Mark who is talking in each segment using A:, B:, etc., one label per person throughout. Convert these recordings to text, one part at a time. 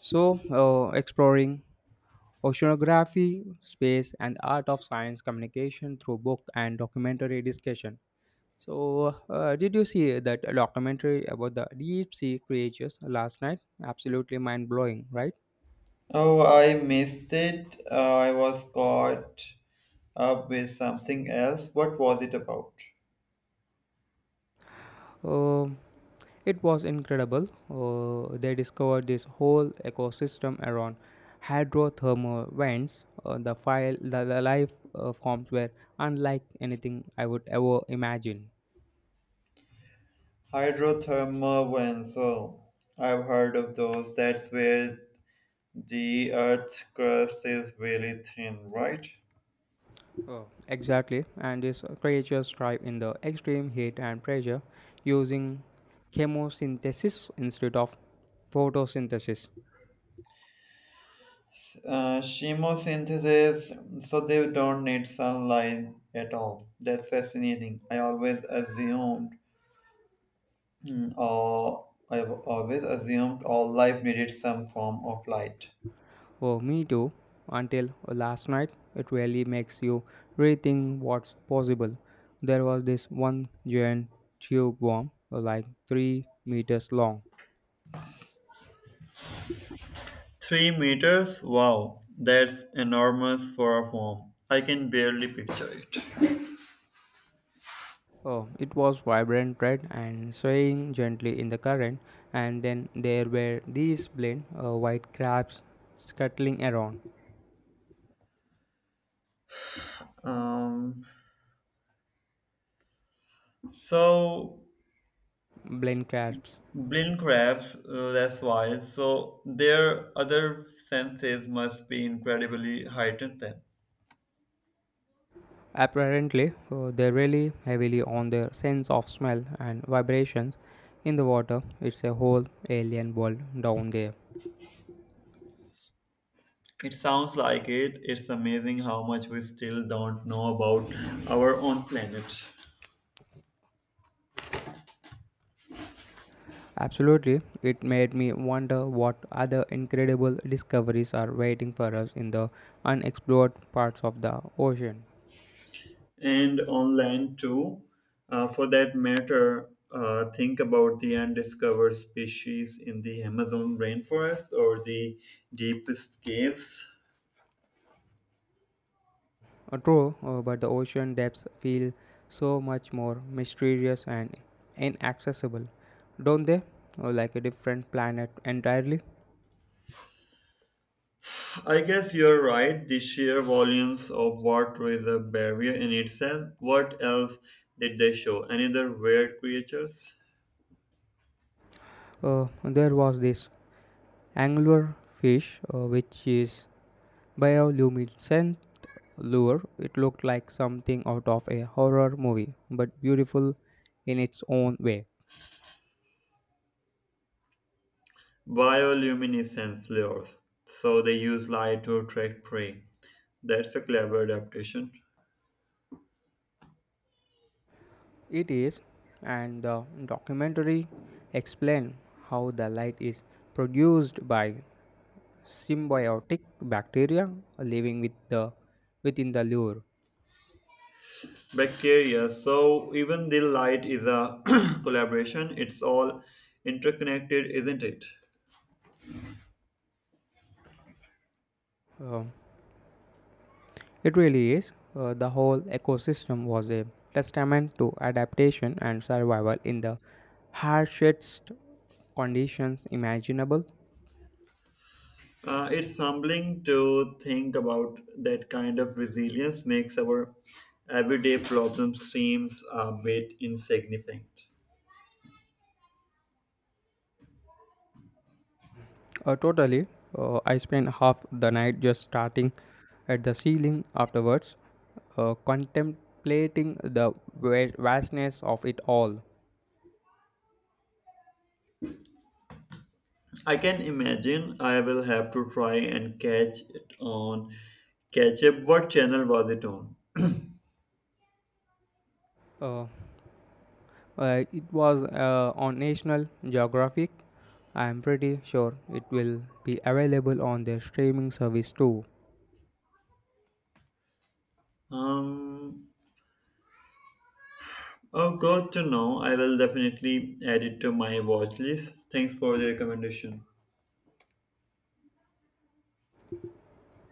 A: Exploring oceanography, space, and art of science communication through book and documentary discussion. Did you see that documentary about the deep sea creatures last night? Absolutely mind blowing, right?
B: Oh, I missed it. I was caught up with something else. What was it about?
A: Um it was incredible. They discovered this whole ecosystem around hydrothermal vents. The life forms were unlike anything I would ever imagine.
B: Hydrothermal vents. I've heard of those. That's where the Earth's crust is really thin, right?
A: Oh, exactly. And these creatures thrive in the extreme heat and pressure using chemosynthesis instead of photosynthesis.
B: Chemosynthesis, so they don't need sunlight at all. That's fascinating. I always assumed, mm, or I've always assumed all life needed some form of light.
A: Oh, me too. Until last night, it really makes you rethink what's possible. There was this one giant tube worm, like 3 meters long.
B: 3 meters? Wow, that's enormous for a home. I can barely picture it.
A: Oh, it was vibrant red and swaying gently in the current, and then there were these plain white crabs scuttling around.
B: Um, so
A: Blind crabs.
B: blink crabs, that's why. So their other senses must be incredibly heightened then.
A: Apparently, they rely heavily on their sense of smell and vibrations in the water. It's a whole alien world down there.
B: It sounds like it. It's amazing how much we still don't know about our own planet.
A: Absolutely, it made me wonder what other incredible discoveries are waiting for us in the unexplored parts of the ocean.
B: And on land too. For that matter, think about the undiscovered species in the Amazon rainforest or the deepest caves.
A: True, but the ocean depths feel so much more mysterious and inaccessible, don't they? Like a different planet entirely.
B: I guess you're right. The sheer volumes of water is a barrier in itself. What else did they show? Any other weird creatures?
A: There was this anglerfish, which is bioluminescent lure. It looked like something out of a horror movie, but beautiful in its own way.
B: Bioluminescence lures. So they use light to attract prey. That's a clever adaptation.
A: It is, and the documentary explained how the light is produced by symbiotic bacteria living with the within the lure.
B: Bacteria. So even the light is a collaboration. It's all interconnected, isn't it?
A: Uh, It really is. The whole ecosystem was a testament to adaptation and survival in the harshest conditions imaginable.
B: It's humbling to think about that kind of resilience makes our everyday problems seems a bit insignificant.
A: Totally. I spent half the night just starting at the ceiling afterwards, contemplating the vastness of it all.
B: I can imagine I will have to try and catch it on catch up. What channel was it on?
A: Uh, it was on National Geographic. I am pretty sure it will be available on their streaming service too.
B: Um, oh, good to know. I will definitely add it to my watch list. Thanks for the recommendation.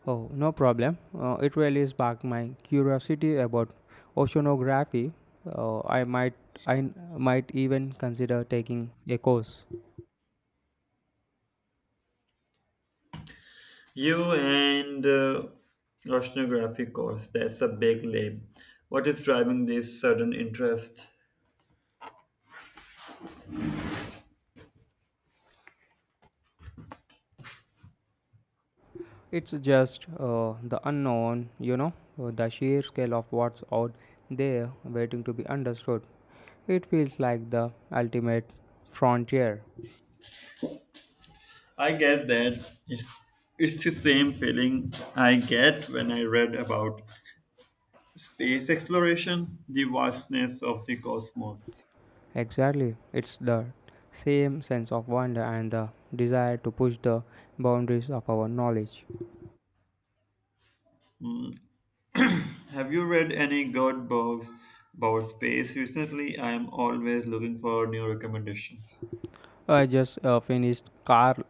A: Oh, no problem. It really sparked my curiosity about oceanography. Uh, I might I might even consider taking a course.
B: You and oceanography course, that's a big leap. What is driving this sudden interest?
A: It's just the unknown, you know, the sheer scale of what's out there waiting to be understood. It feels like the ultimate frontier.
B: I get that. It's, it's the same feeling I get when I read about space exploration, the vastness of the cosmos.
A: Exactly. It's the same sense of wonder and the desire to push the boundaries of our knowledge.
B: Have you read any good books about space recently? I am always looking for new recommendations.
A: I just finished Carl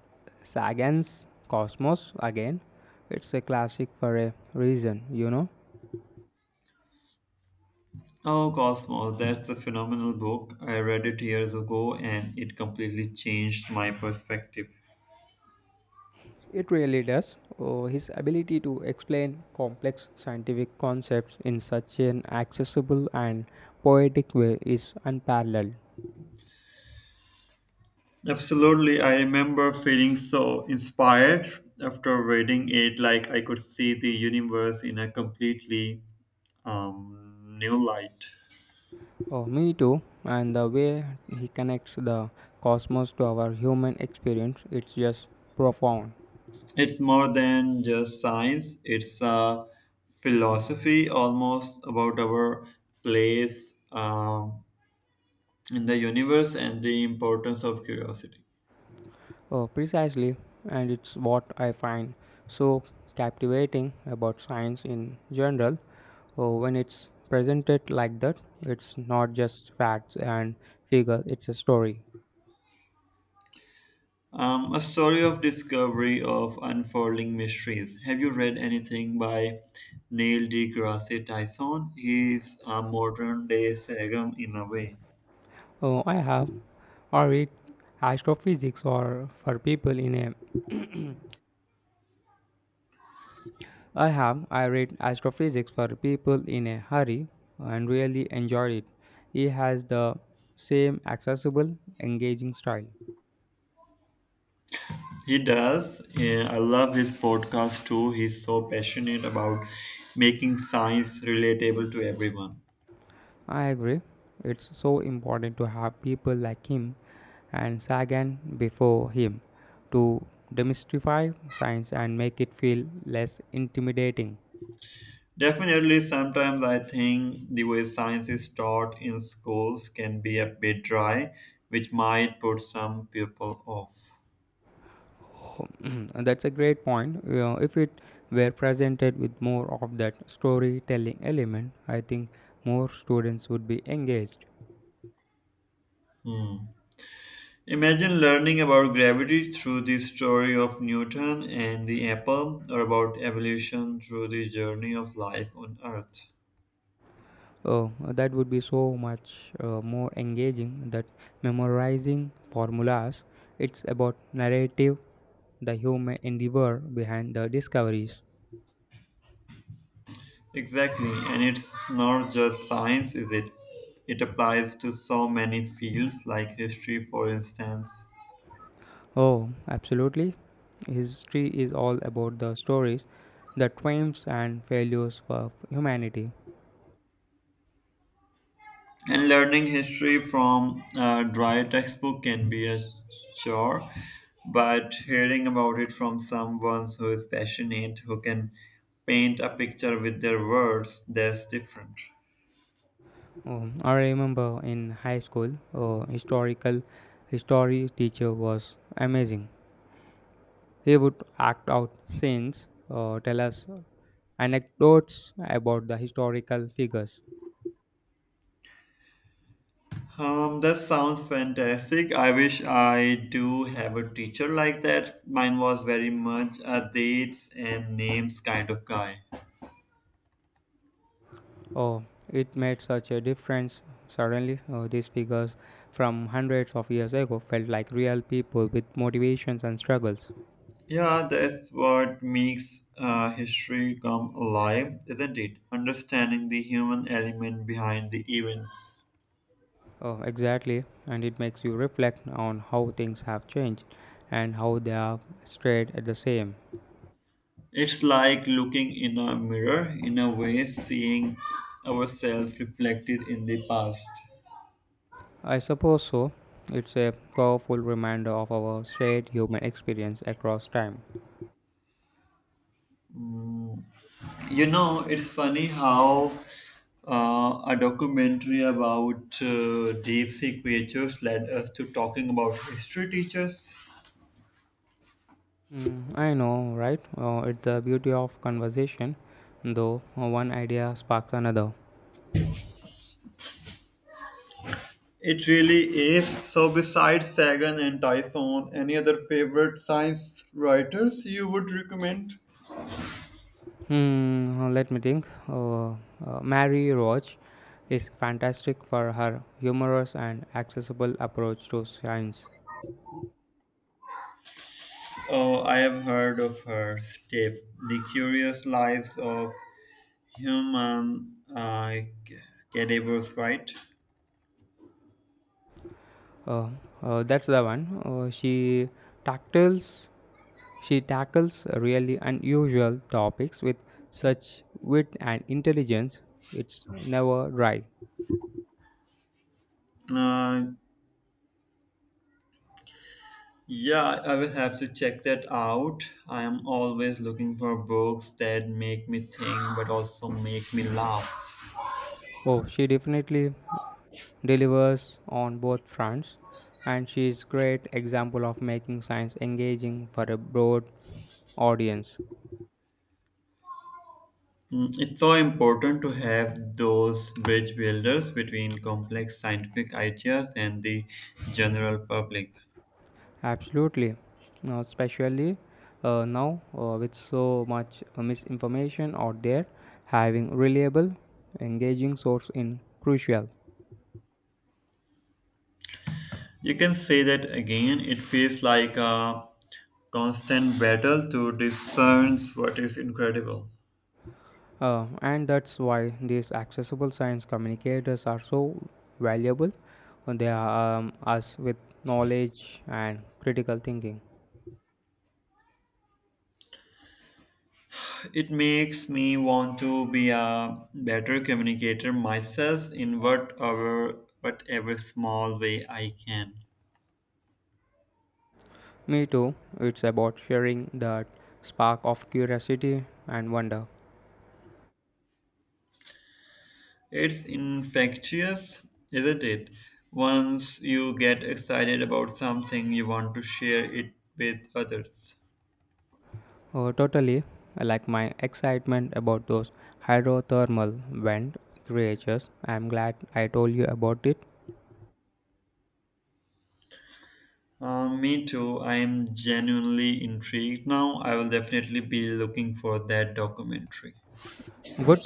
A: Sagan's Cosmos again. It's a classic for a reason, you know.
B: Oh, Cosmos, that's a phenomenal book. I read it years ago and it completely changed my perspective.
A: It really does. Oh, his ability to explain complex scientific concepts in such an accessible and poetic way is unparalleled.
B: Absolutely, I remember feeling so inspired after reading it, like I could see the universe in a completely new light.
A: Oh, me too. And the way he connects the cosmos to our human experience, it's just profound.
B: It's more than just science, it's a philosophy almost about our place in the universe and the importance of curiosity.
A: Oh, precisely, and it's what I find so captivating about science in general. Oh, when it's presented like that, it's not just facts and figures, it's a story.
B: A story of discovery of unfolding mysteries. Have you read anything by Neil deGrasse Tyson? He's a modern day Sagan in a way.
A: Oh, I have, I read astrophysics or for people in a. I have, I read astrophysics for people in a hurry and really enjoyed it. He has the same accessible, engaging style.
B: He does. Yeah, I love his podcast too. He's so passionate about making science relatable to everyone.
A: I agree. It's so important to have people like him and Sagan before him to demystify science and make it feel less intimidating.
B: Definitely, sometimes I think the way science is taught in schools can be a bit dry, which might put some people off.
A: That's a great point. You know, if it were presented with more of that storytelling element, I think more students would be engaged.
B: Imagine learning about gravity through the story of Newton and the apple, or about evolution through the journey of life on Earth.
A: Oh, that would be so much more engaging than memorizing formulas. It's about narrative the human endeavor behind the discoveries.
B: Exactly, and it's not just science, is it? It applies to so many fields, like history, for instance.
A: Oh, absolutely. History is all about the stories, the triumphs and failures of humanity.
B: And learning history from a dry textbook can be a chore, but hearing about it from someone who is passionate, who can paint a picture with their words, that's different.
A: Oh, I remember in high school, a historical history teacher was amazing. He would act out scenes, tell us anecdotes about the historical figures.
B: That sounds fantastic. I wish I do have a teacher like that. Mine was very much a dates and names kind of guy.
A: Oh, it made such a difference. Suddenly, these figures from hundreds of years ago felt like real people with motivations and struggles.
B: Yeah, that's what makes history come alive, isn't it? Understanding the human element behind the events.
A: Oh, exactly. And it makes you reflect on how things have changed and how they are stayed at the same.
B: It's like looking in a mirror, in a way, seeing ourselves reflected in the past.
A: I suppose so. It's a powerful reminder of our shared human experience across time.
B: You know, it's funny how a documentary about deep sea creatures led us to talking about history teachers.
A: Mm, I know, right? It's the beauty of conversation, though one idea sparks another.
B: It really is. So, besides Sagan and Tyson, any other favorite science writers you would recommend?
A: Let me think. Mary Roach is fantastic for her humorous and accessible approach to science.
B: Oh, I have heard of her, Steph. The Curious Lives of Human Cadavers, right?
A: Uh, that's the one. She tackles she tackles really unusual topics with such wit and intelligence. It's never dry.
B: Uh, Yeah, I will have to check that out. I am always looking for books that make me think but also make me laugh.
A: Oh, she definitely delivers on both fronts, and she is great example of making science engaging for a broad audience.
B: Mm, it's so important to have those bridge builders between complex scientific ideas and the general public.
A: Absolutely, now, especially now with so much misinformation out there, having reliable, engaging source in crucial.
B: You can say that again, it feels like a constant battle to discern what is incredible.
A: And that's why these accessible science communicators are so valuable. They are us with knowledge and critical thinking.
B: It makes me want to be a better communicator myself in whatever small way I can.
A: Me too. It's about sharing that spark of curiosity and wonder.
B: It's infectious, isn't it? Once you get excited about something, you want to share it with others.
A: Oh, totally. Like my excitement about those hydrothermal vent creatures. I'm glad I told you about it.
B: Me too. I am genuinely intrigued now. I will definitely be looking for that documentary.
A: Good.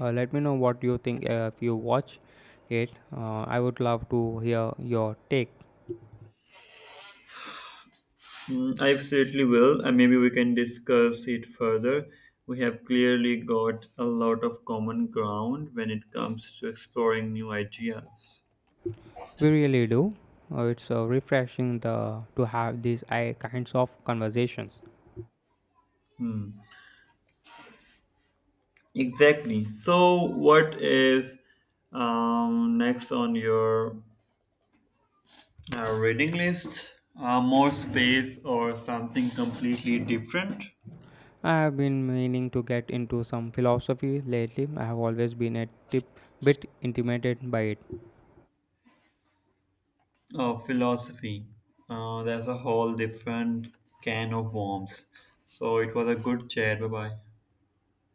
A: Let me know what you think if you watch it. I would love to hear your take.
B: Mm, I absolutely will, and maybe we can discuss it further. We have clearly got a lot of common ground when it comes to exploring new ideas.
A: We really do. It's refreshing the to have these kinds of conversations.
B: Exactly. So, what is next on your reading list? More space or something completely different?
A: I have been meaning to get into some philosophy lately. I have always been a tip bit intimidated by it.
B: Oh, philosophy. That's a whole different can of worms. So, it was a good chat. Bye bye.